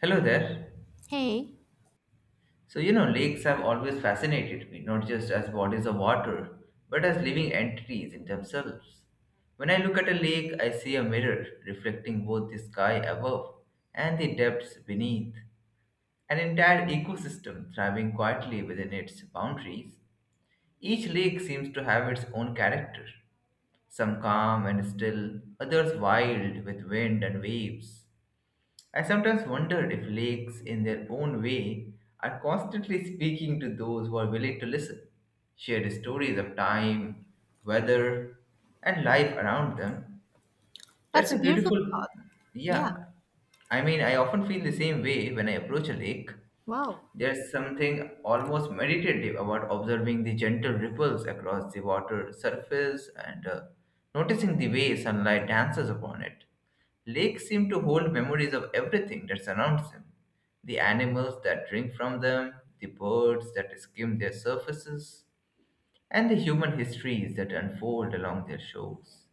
Hello there. Hey, So, you know, lakes have always fascinated me, not just as bodies of water, but as living entities in themselves. When I look at a lake, I see a mirror reflecting both the sky above and the depths beneath, an entire ecosystem thriving quietly within its boundaries. Each lake seems to have its own character, some calm and still, others wild with wind and waves. I sometimes wondered if lakes, in their own way, are constantly speaking to those who are willing to listen, shared stories of time, weather, and life around them. That's that's a a beautiful beautiful, thought. Yeah, yeah. I mean, I often feel the same way when I approach a lake. wow. There's something almost meditative about observing the gentle ripples across the water surface and noticing the way sunlight dances upon it. Lakes seem to hold memories of everything that surrounds them, the animals that drink from them, the birds that skim their surfaces, and the human histories that unfold along their shores.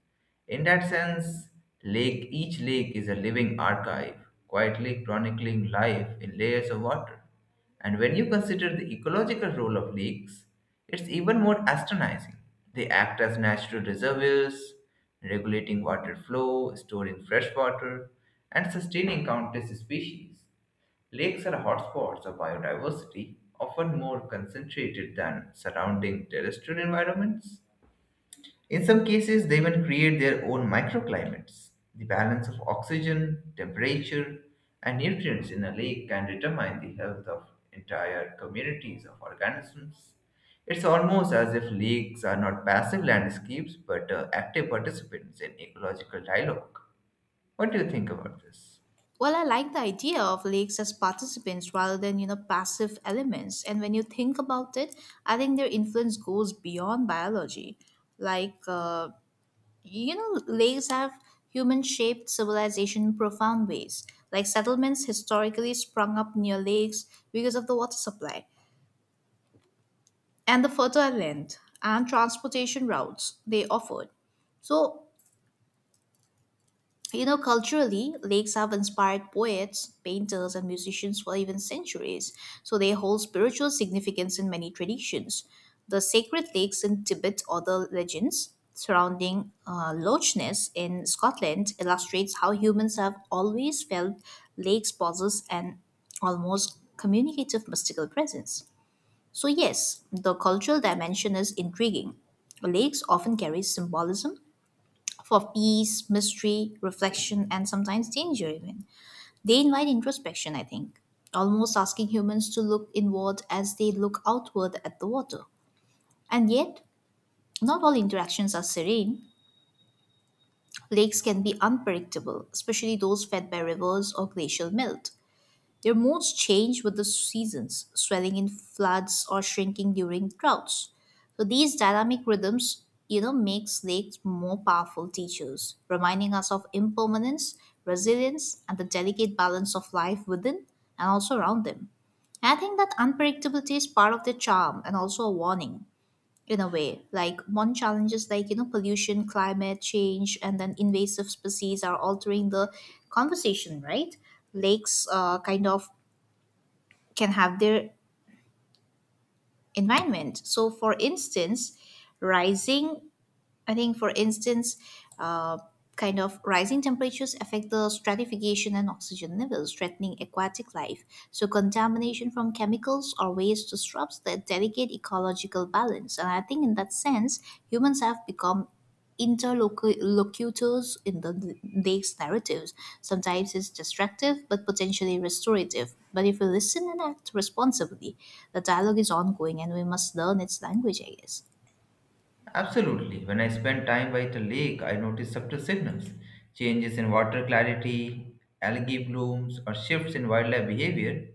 In that sense, each lake is a living archive, quietly chronicling life in layers of water. And when you consider the ecological role of lakes, it's even more astonishing. They act as natural reservoirs, regulating water flow, storing fresh water, and sustaining countless species. Lakes are hotspots of biodiversity, often more concentrated than surrounding terrestrial environments. In some cases, they even create their own microclimates. The balance of oxygen, temperature, and nutrients in a lake can determine the health of entire communities of organisms. It's almost as if lakes are not passive landscapes but active participants in ecological dialogue. What do you think about this? Well, I like the idea of leagues as participants rather than, passive elements. And when you think about it, I think their influence goes beyond biology. Like, leagues have human shaped civilization in profound ways. Like, settlements historically sprung up near lakes because of the water supply and the fertile land and transportation routes they offered. So, culturally, lakes have inspired poets, painters, and musicians for even centuries, so they hold spiritual significance in many traditions. The sacred lakes in Tibet or the legends surrounding Loch Ness in Scotland illustrates how humans have always felt lakes possess an almost communicative mystical presence. So yes, the cultural dimension is intriguing. Lakes often carry symbolism for peace, mystery, reflection, and sometimes danger, even. They invite introspection, I think, almost asking humans to look inward as they look outward at the water. And yet, not all interactions are serene. Lakes can be unpredictable, especially those fed by rivers or glacial melt. Their moods change with the seasons, swelling in floods or shrinking during droughts. So these dynamic rhythms, makes lakes more powerful teachers, reminding us of impermanence, resilience, and the delicate balance of life within and also around them. I think that unpredictability is part of their charm and also a warning in a way. Like modern challenges like, pollution, climate change, and then invasive species are altering the conversation, right? Lakes kind of can have their environment. So, for instance, rising I think, for instance, uh, kind of rising temperatures affect the stratification and oxygen levels, threatening aquatic life. So, contamination from chemicals or waste disrupts the delicate ecological balance. And I think, in that sense, humans have become interlocutors in the lake's narratives. Sometimes it's destructive, but potentially restorative. But if we listen and act responsibly, the dialogue is ongoing and we must learn its language, I guess. Absolutely. When I spend time by the lake, I notice subtle signals, changes in water clarity, algae blooms, or shifts in wildlife behavior.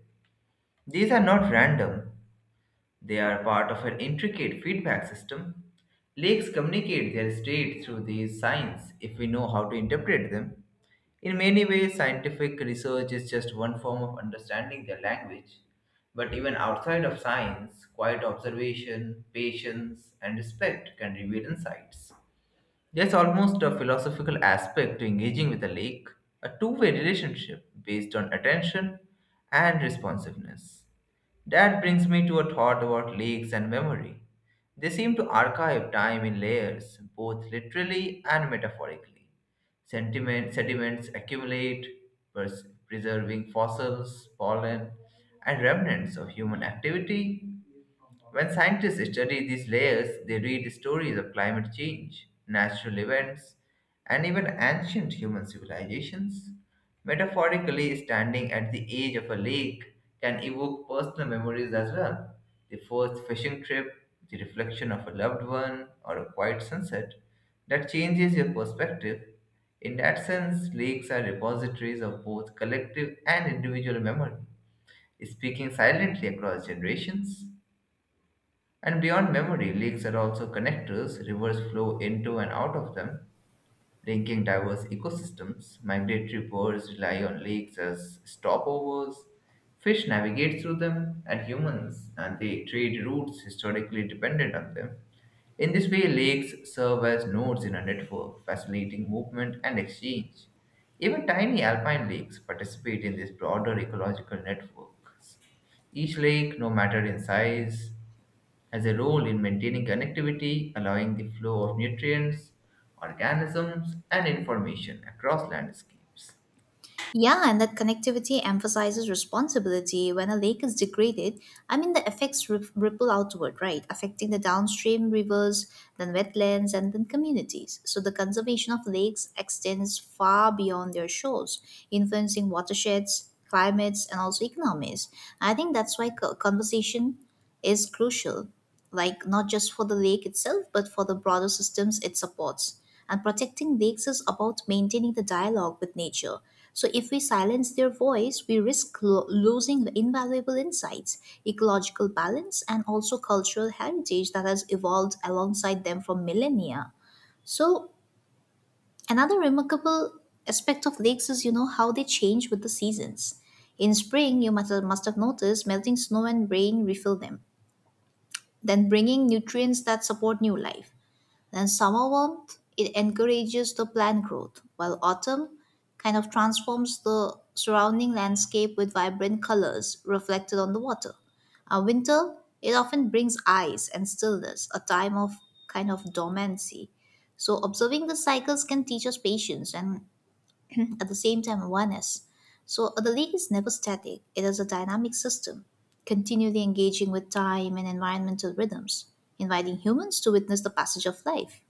These are not random, they are part of an intricate feedback system. Lakes communicate their state through these signs if we know how to interpret them. In many ways, scientific research is just one form of understanding their language. But even outside of science, quiet observation, patience, and respect can reveal insights. There's almost a philosophical aspect to engaging with a lake, a two-way relationship based on attention and responsiveness. That brings me to a thought about lakes and memory. They seem to archive time in layers, both literally and metaphorically. Sediments accumulate, preserving fossils, pollen, and remnants of human activity. When scientists study these layers, they read stories of climate change, natural events, and even ancient human civilizations. Metaphorically, standing at the edge of a lake can evoke personal memories as well. The first fishing trip, the reflection of a loved one, or a quiet sunset that changes your perspective. In that sense, lakes are repositories of both collective and individual memory, speaking silently across generations. And beyond memory, lakes are also connectors. Rivers flow into and out of them, linking diverse ecosystems. Migratory birds rely on lakes as stopovers. Fish navigate through them, and humans and they trade routes historically dependent on them. In this way, lakes serve as nodes in a network, facilitating movement and exchange. Even tiny alpine lakes participate in this broader ecological networks. Each lake, no matter in size, has a role in maintaining connectivity, allowing the flow of nutrients, organisms, and information across landscapes. Yeah, and that connectivity emphasizes responsibility. When a lake is degraded, I mean, the effects ripple outward, right? Affecting the downstream rivers, then wetlands, and then communities. So the conservation of lakes extends far beyond their shores, influencing watersheds, climates, and also economies. I think that's why conversation is crucial, like not just for the lake itself, but for the broader systems it supports. And protecting lakes is about maintaining the dialogue with nature. So, if we silence their voice, we risk losing the invaluable insights, ecological balance, and also cultural heritage that has evolved alongside them for millennia. So, another remarkable aspect of lakes is, how they change with the seasons. In spring, you must have noticed melting snow and rain refill them, then bringing nutrients that support new life. Then summer warmth, it encourages the plant growth, while autumn kind of transforms the surrounding landscape with vibrant colors reflected on the water. Winter, it often brings ice and stillness, a time of kind of dormancy. So observing the cycles can teach us patience and at the same time awareness. So the league is never static, it is a dynamic system, continually engaging with time and environmental rhythms, inviting humans to witness the passage of life.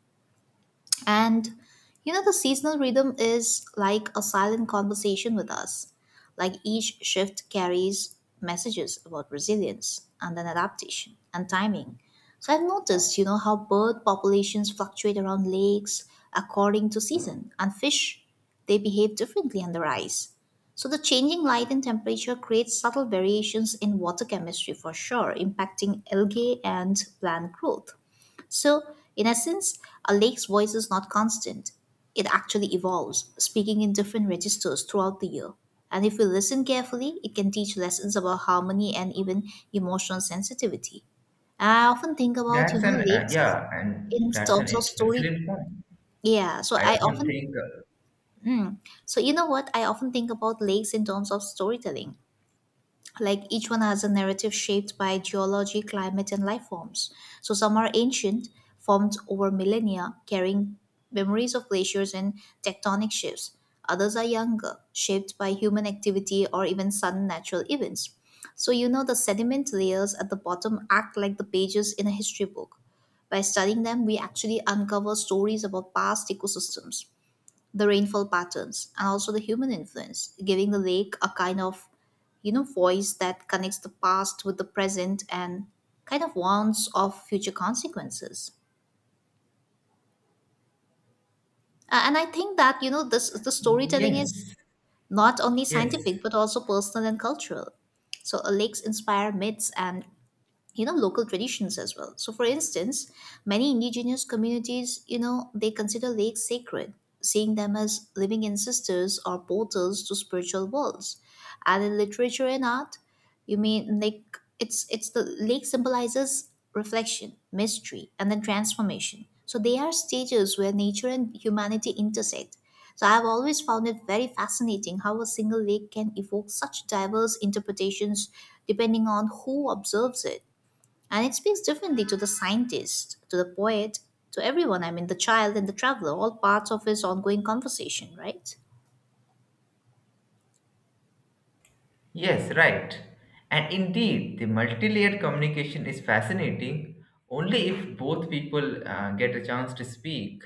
And, the seasonal rhythm is like a silent conversation with us. Like each shift carries messages about resilience and then adaptation and timing. So I've noticed, how bird populations fluctuate around lakes according to season, and fish, they behave differently under ice. So the changing light and temperature creates subtle variations in water chemistry for sure, impacting algae and plant growth. So, in essence, a lake's voice is not constant. It actually evolves, speaking in different registers throughout the year. And if we listen carefully, it can teach lessons about harmony and even emotional sensitivity. I often think about, you That's know, an lakes yeah, and in that's an terms of int- story. Excellent point. Yeah, I often think, mm, so you know what? I often think about lakes in terms of storytelling, like each one has a narrative shaped by geology, climate, and life forms. So some are ancient, formed over millennia, carrying memories of glaciers and tectonic shifts. Others are younger, shaped by human activity or even sudden natural events. So, you know, the sediment layers at the bottom act like the pages in a history book. By studying them, we actually uncover stories about past ecosystems, the rainfall patterns, and also the human influence, giving the lake a kind of, voice that connects the past with the present and kind of warns of future consequences. And I think that, this the storytelling is yes, not only yes. scientific but also personal and cultural. So lakes inspire myths and local traditions as well. So, for instance, many indigenous communities, they consider lakes sacred, seeing them as living ancestors or portals to spiritual worlds. And in literature and art, you mean, like, it's the lake symbolizes reflection, mystery, and then transformation. So they are stages where nature and humanity intersect. So I've always found it very fascinating how a single lake can evoke such diverse interpretations depending on who observes it, and it speaks differently to the scientist, to the poet, to everyone. I mean, the child and the traveler, all parts of his ongoing conversation, right? Yes, right. And indeed, the multi-layered communication is fascinating only if both people get a chance to speak.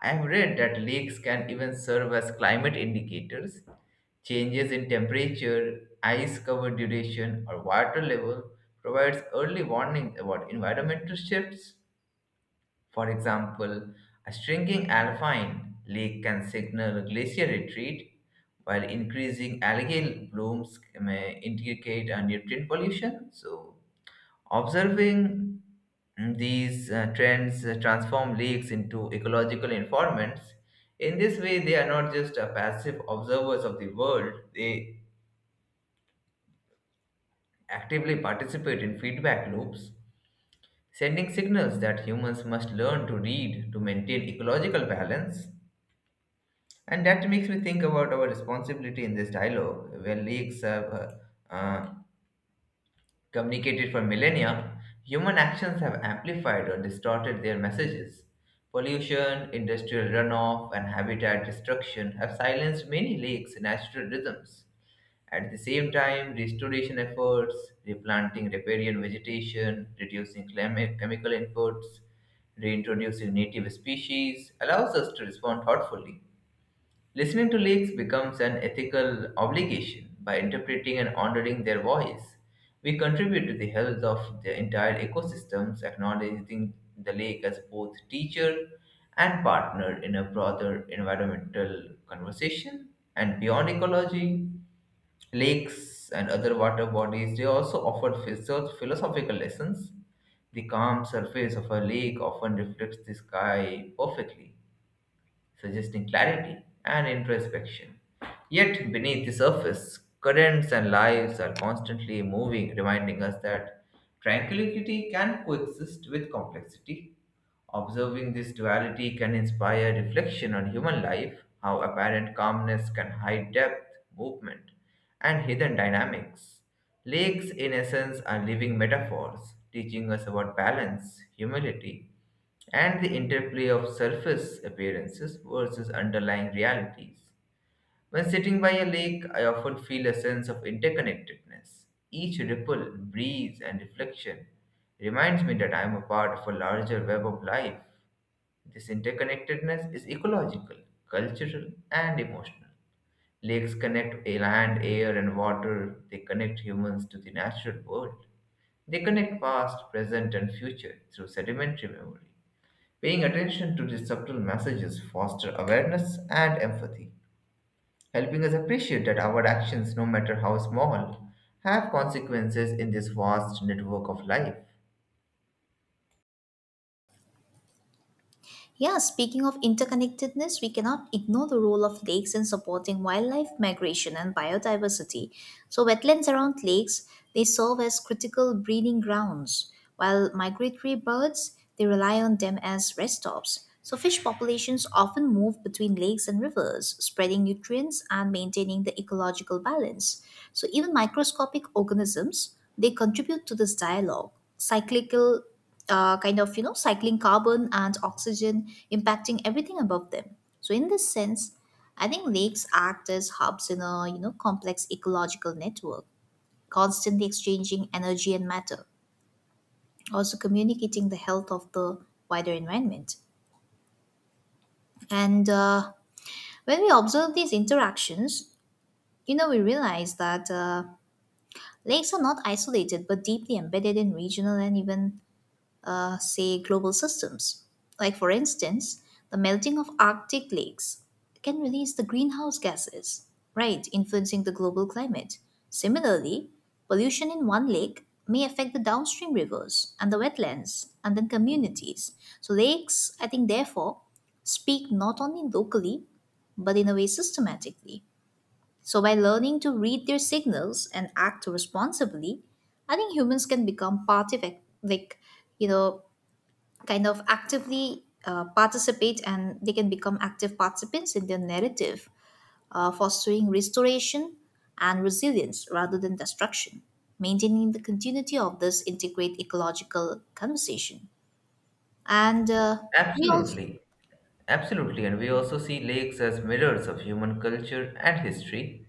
I have read that lakes can even serve as climate indicators. Changes in temperature, ice cover duration, or water level provides early warning about environmental shifts. For example, a shrinking alpine lake can signal a glacier retreat, while increasing algal blooms may indicate a nutrient pollution. So, observing these trends transform lakes into ecological informants. In this way, they are not just passive observers of the world, they actively participate in feedback loops, sending signals that humans must learn to read to maintain ecological balance. And that makes me think about our responsibility in this dialogue. Where leaks have uh, uh, communicated for millennia, human actions have amplified or distorted their messages. Pollution, industrial runoff, and habitat destruction have silenced many lakes' natural rhythms. At the same time, restoration efforts, replanting riparian vegetation, reducing climate chemical inputs, reintroducing native species allows us to respond thoughtfully. Listening to leaks becomes an ethical obligation. By interpreting and honoring their voice, we contribute to the health of the entire ecosystems, acknowledging the lake as both teacher and partner in a broader environmental conversation. And beyond ecology, lakes and other water bodies they also offer philosophical lessons. The calm surface of a lake often reflects the sky perfectly suggesting clarity and introspection. Yet, beneath the surface, currents and lives are constantly moving, reminding us that tranquility can coexist with complexity. Observing this duality can inspire reflection on human life, how apparent calmness can hide depth, movement, and hidden dynamics. Lakes, in essence, are living metaphors, teaching us about balance, humility, and the interplay of surface appearances versus underlying realities. When sitting by a lake, I often feel a sense of interconnectedness. Each ripple, breeze, and reflection reminds me that I am a part of a larger web of life. This interconnectedness is ecological, cultural, and emotional. Lakes connect land, air, and water. They connect humans to the natural world. They connect past, present, and future through sedimentary memory. Paying attention to these subtle messages foster awareness and empathy, helping us appreciate that our actions, no matter how small, have consequences in this vast network of life. Yeah, speaking of interconnectedness, we cannot ignore the role of lakes in supporting wildlife migration and biodiversity. So, wetlands around lakes, they serve as critical breeding grounds, while migratory birds, they rely on them as rest stops. So, fish populations often move between lakes and rivers, spreading nutrients and maintaining the ecological balance. So, even microscopic organisms, they contribute to this dialogue. Cyclical kind of you know cycling carbon and oxygen, impacting everything above them. So in this sense, I think lakes act as hubs in a, complex ecological network, constantly exchanging energy and matter, also communicating the health of the wider environment. And when we observe these interactions, we realize that lakes are not isolated but deeply embedded in regional and even say, global systems. Like, for instance, the melting of Arctic lakes can release the greenhouse gases, right, influencing the global climate. Similarly, pollution in one lake may affect the downstream rivers and the wetlands and then communities. So, lakes, I think, therefore, speak not only locally but in a way systematically. So, by learning to read their signals and act responsibly, I think humans can become part of, like, you know, kind of actively participate and they can become active participants in their narrative, fostering restoration and resilience rather than destruction, maintaining the continuity of this integrate ecological conversation. And we also. Absolutely. Absolutely. And we also see lakes as mirrors of human culture and history.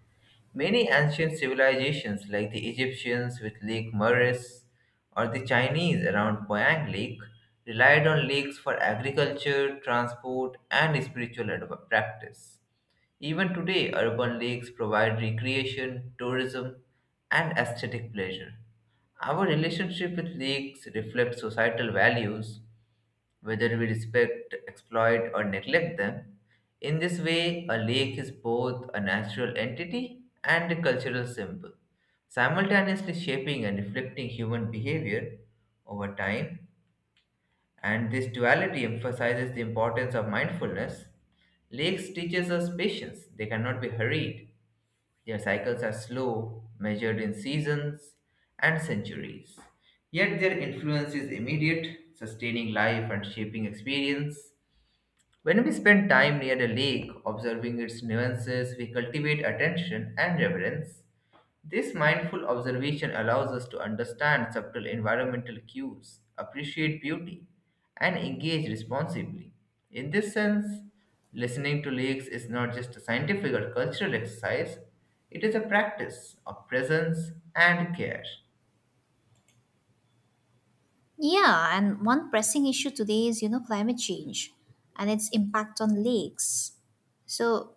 Many ancient civilizations, like the Egyptians with Lake Moeris or the Chinese around Poyang Lake, relied on lakes for agriculture, transport, and spiritual practice. Even today, urban lakes provide recreation, tourism, and aesthetic pleasure. Our relationship with lakes reflects societal values, whether we respect, exploit, or neglect them. In this way, a lake is both a natural entity and a cultural symbol, simultaneously shaping and reflecting human behavior over time. And this duality emphasizes the importance of mindfulness. Lakes teaches us patience. They cannot be hurried. Their cycles are slow, measured in seasons and centuries. Yet their influence is immediate, sustaining life and shaping experience. When we spend time near a lake, observing its nuances, we cultivate attention and reverence. This mindful observation allows us to understand subtle environmental cues, appreciate beauty, and engage responsibly. In this sense, listening to lakes is not just a scientific or cultural exercise, it is a practice of presence and care. Yeah, and one pressing issue today is, climate change and its impact on lakes. So,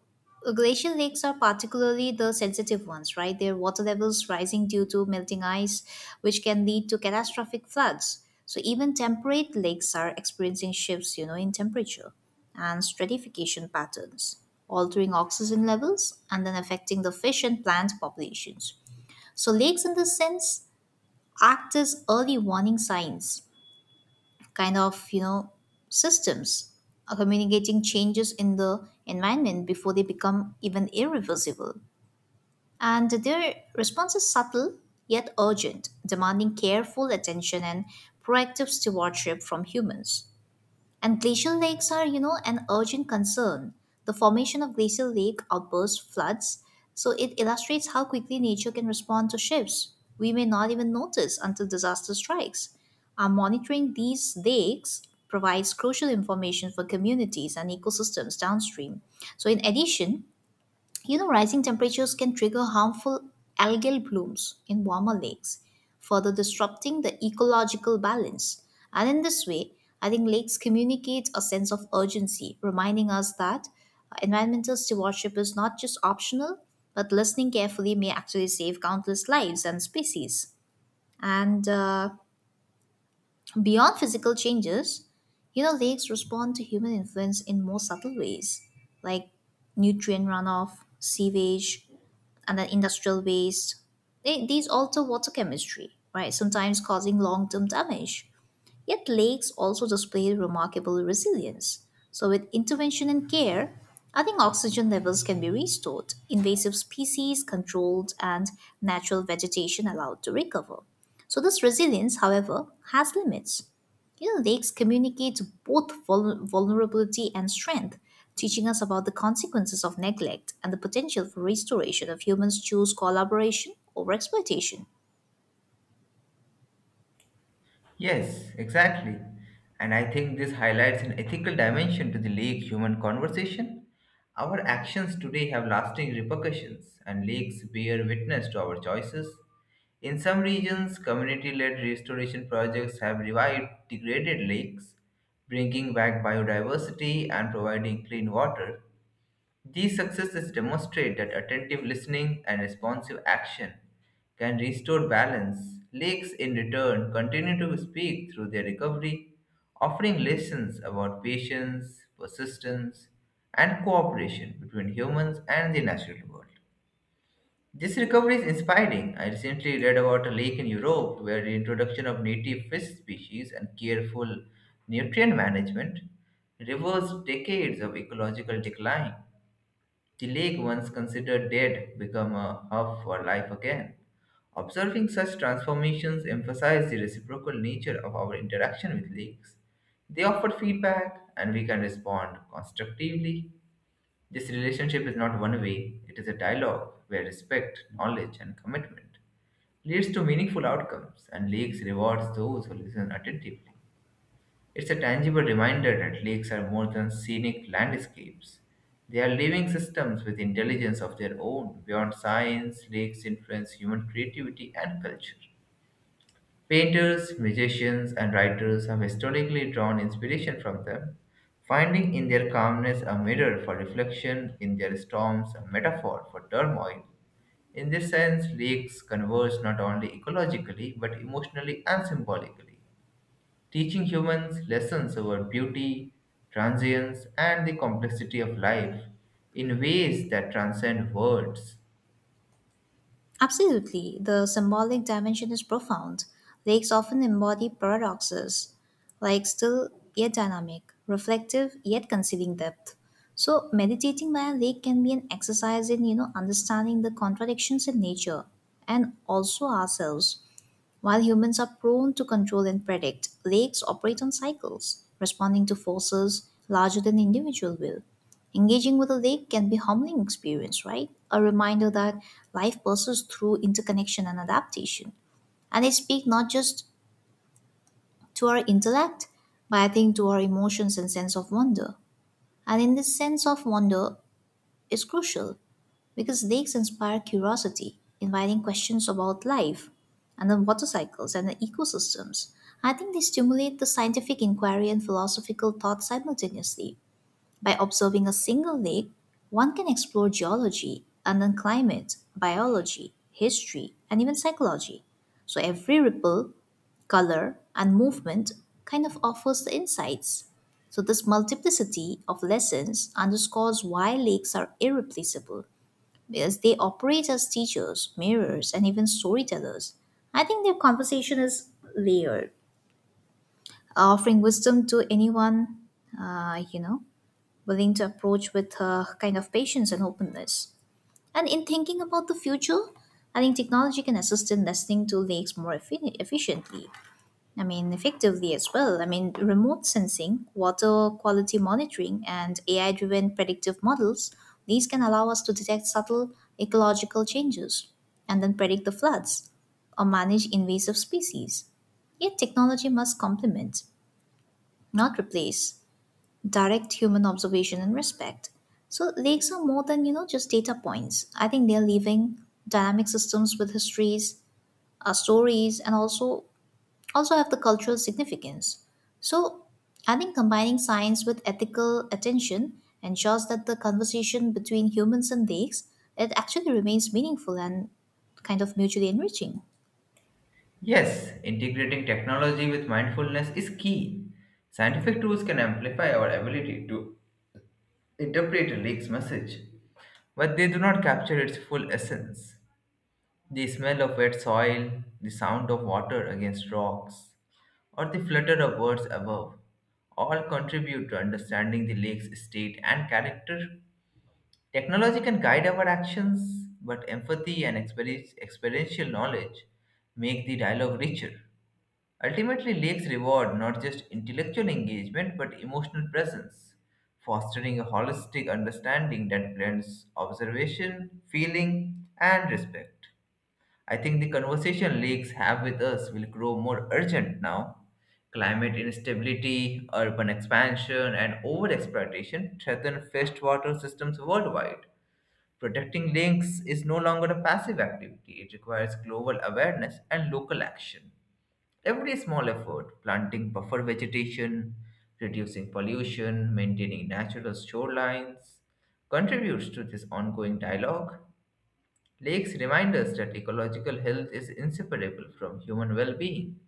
glacial lakes are particularly the sensitive ones, right? Their water levels rising due to melting ice, which can lead to catastrophic floods. So, even temperate lakes are experiencing shifts, in temperature and stratification patterns, altering oxygen levels and then affecting the fish and plant populations. So, lakes, in this sense, act as early warning signs, kind of, systems, are communicating changes in the environment before they become even irreversible. And their response is subtle yet urgent, demanding careful attention and proactive stewardship from humans. And glacial lakes are, an urgent concern. The formation of glacial lake outbursts floods, so it illustrates how quickly nature can respond to shifts. We may not even notice until disaster strikes. Our monitoring these lakes provides crucial information for communities and ecosystems downstream. So in addition, rising temperatures can trigger harmful algal blooms in warmer lakes, further disrupting the ecological balance. And in this way, I think lakes communicate a sense of urgency, reminding us that environmental stewardship is not just optional, but listening carefully may actually save countless lives and species. And beyond physical changes, lakes respond to human influence in more subtle ways, like nutrient runoff, sewage, and then industrial waste. They, these alter water chemistry, right? Sometimes causing long term damage. Yet lakes also display remarkable resilience. So, with intervention and care, I think oxygen levels can be restored, invasive species controlled, and natural vegetation allowed to recover. So, this resilience, however, has limits. You know, lakes communicate both vulnerability and strength, teaching us about the consequences of neglect and the potential for restoration if humans choose collaboration over exploitation. Yes, exactly. And I think this highlights an ethical dimension to the lake human conversation. Our actions today have lasting repercussions, and lakes bear witness to our choices. In some regions, community led restoration projects have revived degraded lakes, bringing back biodiversity and providing clean water. These successes demonstrate that attentive listening and responsive action can restore balance. Lakes, in return, continue to speak through their recovery, offering lessons about patience, persistence, and cooperation between humans and the natural world. This recovery is inspiring. I recently read about a lake in Europe where the introduction of native fish species and careful nutrient management reversed decades of ecological decline. The lake, once considered dead, became a hub for life again. Observing such transformations emphasizes the reciprocal nature of our interaction with lakes. They offer feedback, and we can respond constructively. This relationship is not one way, it is a dialogue where respect, knowledge, and commitment leads to meaningful outcomes, and lakes rewards those who listen attentively. It's a tangible reminder that lakes are more than scenic landscapes. They are living systems with intelligence of their own. Beyond science, lakes influence human creativity and culture. Painters, musicians, and writers have historically drawn inspiration from them, finding in their calmness a mirror for reflection, in their storms a metaphor for turmoil. In this sense, lakes converge not only ecologically but emotionally and symbolically, teaching humans lessons about beauty, transience, and the complexity of life in ways that transcend words. Absolutely, the symbolic dimension is profound. Lakes often embody paradoxes, like still yet dynamic, reflective yet concealing depth. So meditating by a lake can be an exercise in understanding the contradictions in nature and also ourselves. While humans are prone to control and predict, lakes operate on cycles, responding to forces larger than individual will. Engaging with a lake can be a humbling experience, right? A reminder that life passes through interconnection and adaptation. And it speaks not just to our intellect, but I think to our emotions and sense of wonder. And in this sense of wonder is crucial because lakes inspire curiosity, inviting questions about life and the water cycles and the ecosystems. I think they stimulate the scientific inquiry and philosophical thought simultaneously. By observing a single lake, one can explore geology and then climate, biology, history, and even psychology. So every ripple, color, and movement kind of offers the insights. So, this multiplicity of lessons underscores why lakes are irreplaceable because they operate as teachers, mirrors, and even storytellers. I think their conversation is layered, offering wisdom to anyone, uh, you know, willing to approach with a kind of patience and openness. And in thinking about the future, I think technology can assist in listening to lakes more efficiently, I mean, effectively as well. I mean, remote sensing, water quality monitoring, and AI driven predictive models, these can allow us to detect subtle ecological changes and then predict the floods or manage invasive species. Yet, technology must complement, not replace, direct human observation and respect. So, lakes are more than, you know, just data points. I think they're living dynamic systems with histories, stories, and also have the cultural significance. So, I think combining science with ethical attention ensures that the conversation between humans and lakes it actually remains meaningful and kind of mutually enriching. Yes, integrating technology with mindfulness is key. Scientific tools can amplify our ability to interpret a lake's message, but they do not capture its full essence. The smell of wet soil, the sound of water against rocks, or the flutter of birds above all contribute to understanding the lake's state and character. Technology can guide our actions, but empathy and experiential knowledge make the dialogue richer. Ultimately, lakes reward not just intellectual engagement but emotional presence, fostering a holistic understanding that blends observation, feeling, and respect. I think the conversation lakes have with us will grow more urgent now. Climate instability, urban expansion, and overexploitation threaten freshwater systems worldwide. Protecting links is no longer a passive activity, it requires global awareness and local action. Every small effort, planting buffer vegetation, reducing pollution, maintaining natural shorelines, contributes to this ongoing dialogue. Lakes remind us that ecological health is inseparable from human well being.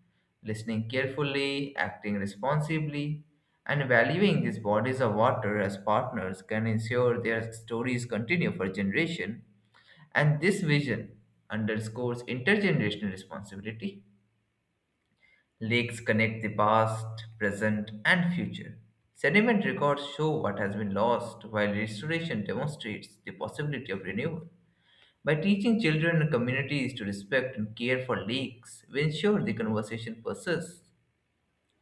Listening carefully, acting responsibly, and valuing these bodies of water as partners can ensure their stories continue for generations. And this vision underscores intergenerational responsibility. Lakes connect the past, present, and future. Sediment records show what has been lost, while restoration demonstrates the possibility of renewal. By teaching children and communities to respect and care for lakes, we ensure the conversation persists.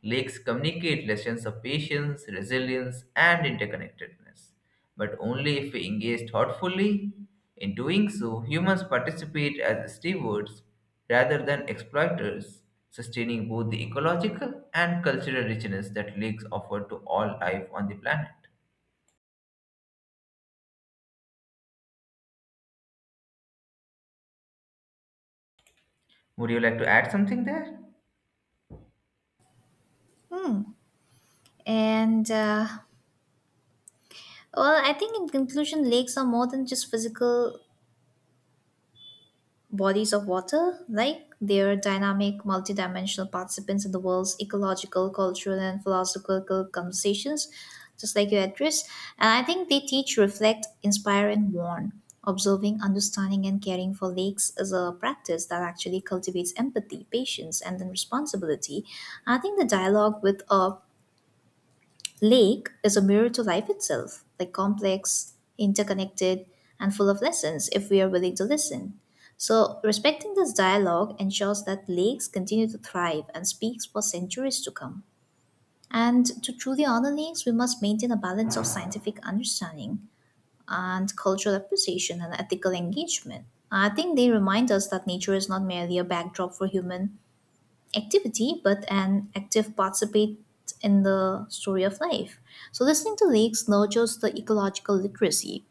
Lakes communicate lessons of patience, resilience, and interconnectedness, but only if we engage thoughtfully. In doing so, humans participate as stewards rather than exploiters, sustaining both the ecological and cultural richness that lakes offer to all life on the planet. Would you like to add something there? Hmm. And Well, I think in conclusion, lakes are more than just physical bodies of water, like they're dynamic, multidimensional participants in the world's ecological, cultural, and philosophical conversations, just like your address. And I think they teach, reflect, inspire, and warn. Observing, understanding, and caring for lakes is a practice that actually cultivates empathy, patience, and then responsibility. I think the dialogue with a lake is a mirror to life itself, like complex, interconnected, and full of lessons if we are willing to listen. So, respecting this dialogue ensures that lakes continue to thrive and speaks for centuries to come. And to truly honor lakes, we must maintain a balance of scientific understanding and cultural appreciation and ethical engagement. I think they remind us that nature is not merely a backdrop for human activity but an active participate in the story of life. So listening to leaks nurtures the ecological literacy,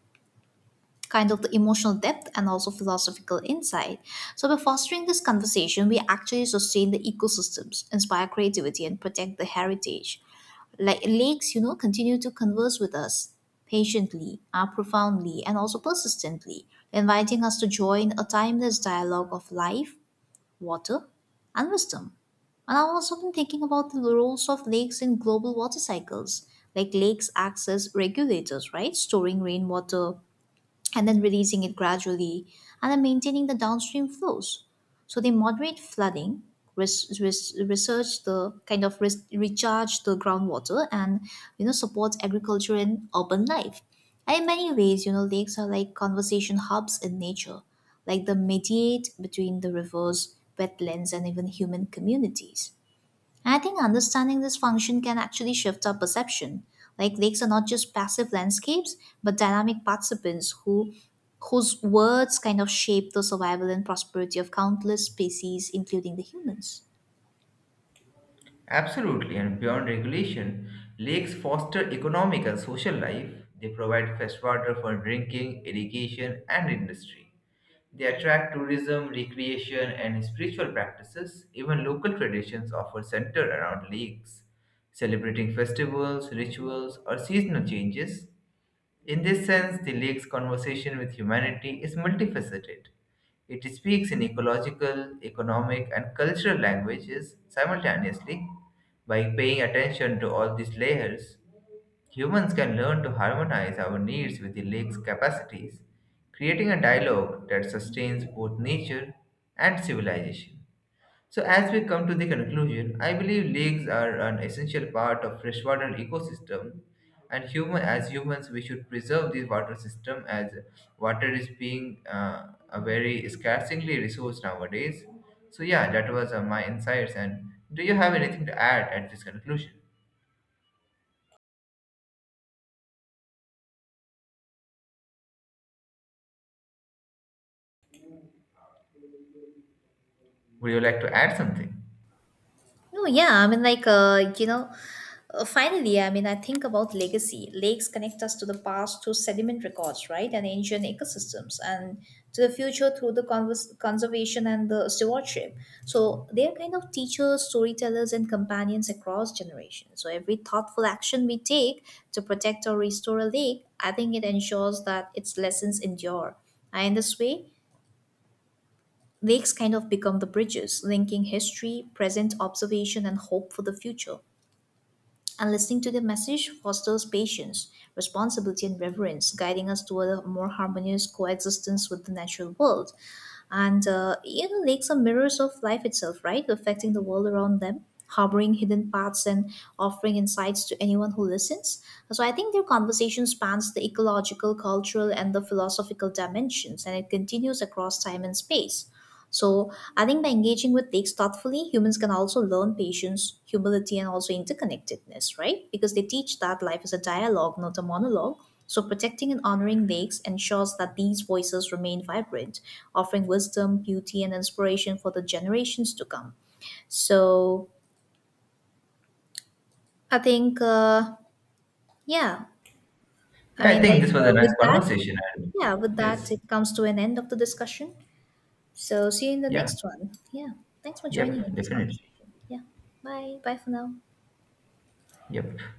kind of the emotional depth and also philosophical insight. So by fostering this conversation, we actually sustain the ecosystems, inspire creativity, and protect the heritage. Like lakes, you know, continue to converse with us patiently, profoundly, and also persistently, inviting us to join a timeless dialogue of life water, and wisdom. And I have also been thinking about the roles of lakes in global water cycles, like lakes acts as regulators, right? Storing rainwater, and then releasing it gradually and then maintaining the downstream flows. So they moderate flooding, research the kind of recharge the groundwater and you know support agriculture and urban life. And in many ways, you know, lakes are like conversation hubs in nature, like they mediate between the rivers, wetlands, and even human communities. I think understanding this function can actually shift our perception. Like lakes are not just passive landscapes, but dynamic participants whose words kind of shape the survival and prosperity of countless species, including the humans. Absolutely, and beyond regulation, lakes foster economic and social life. They provide fresh water for drinking, irrigation, and industry. They attract tourism, recreation, and spiritual practices. Even local traditions offer center around lakes, celebrating festivals, rituals, or seasonal changes. In this sense, the lake's conversation with humanity is multifaceted. It speaks in ecological, economic, and cultural languages simultaneously. By paying attention to all these layers, humans can learn to harmonize our needs with the lake's capacities, creating a dialogue that sustains both nature and civilization. So, as we come to the conclusion, I believe lakes are an essential part of freshwater ecosystem, and human as humans, we should preserve this water system as water is being a very scarcely resource nowadays. So, yeah, that was my insights. And do you have anything to add at this conclusion? Would you like to add something? No, yeah, I mean, like, finally, I mean, I think about legacy. Lakes connect us to the past through sediment records, right, and ancient ecosystems, and to the future through the conservation and the stewardship. So they are kind of teachers, storytellers, and companions across generations. So every thoughtful action we take to protect or restore a lake, I think it ensures that its lessons endure. And in this way, lakes kind of become the bridges linking history, present observation, and hope for the future. And listening to the message fosters patience, responsibility, and reverence, guiding us toward a more harmonious coexistence with the natural world. Lakes are mirrors of life itself, right? Reflecting the world around them, harboring hidden paths, and offering insights to anyone who listens. So I think their conversation spans the ecological, cultural, and the philosophical dimensions, and it continues across time and space. So I think by engaging with takes thoughtfully, humans can also learn patience, humility, and also interconnectedness, right? Because they teach that life is a dialogue, not a monologue. So protecting and honoring lakes ensures that these voices remain vibrant, offering wisdom, beauty, and inspiration for the generations to come. So I think, yeah, I Yeah, I mean, think this was a nice with that, conversation. And yeah, with that, yes, it comes to an end of the discussion. So see you in the yeah, next one. Yeah. Thanks for yep, joining in this definitely, conversation. Yeah. Bye. Bye for now. yep.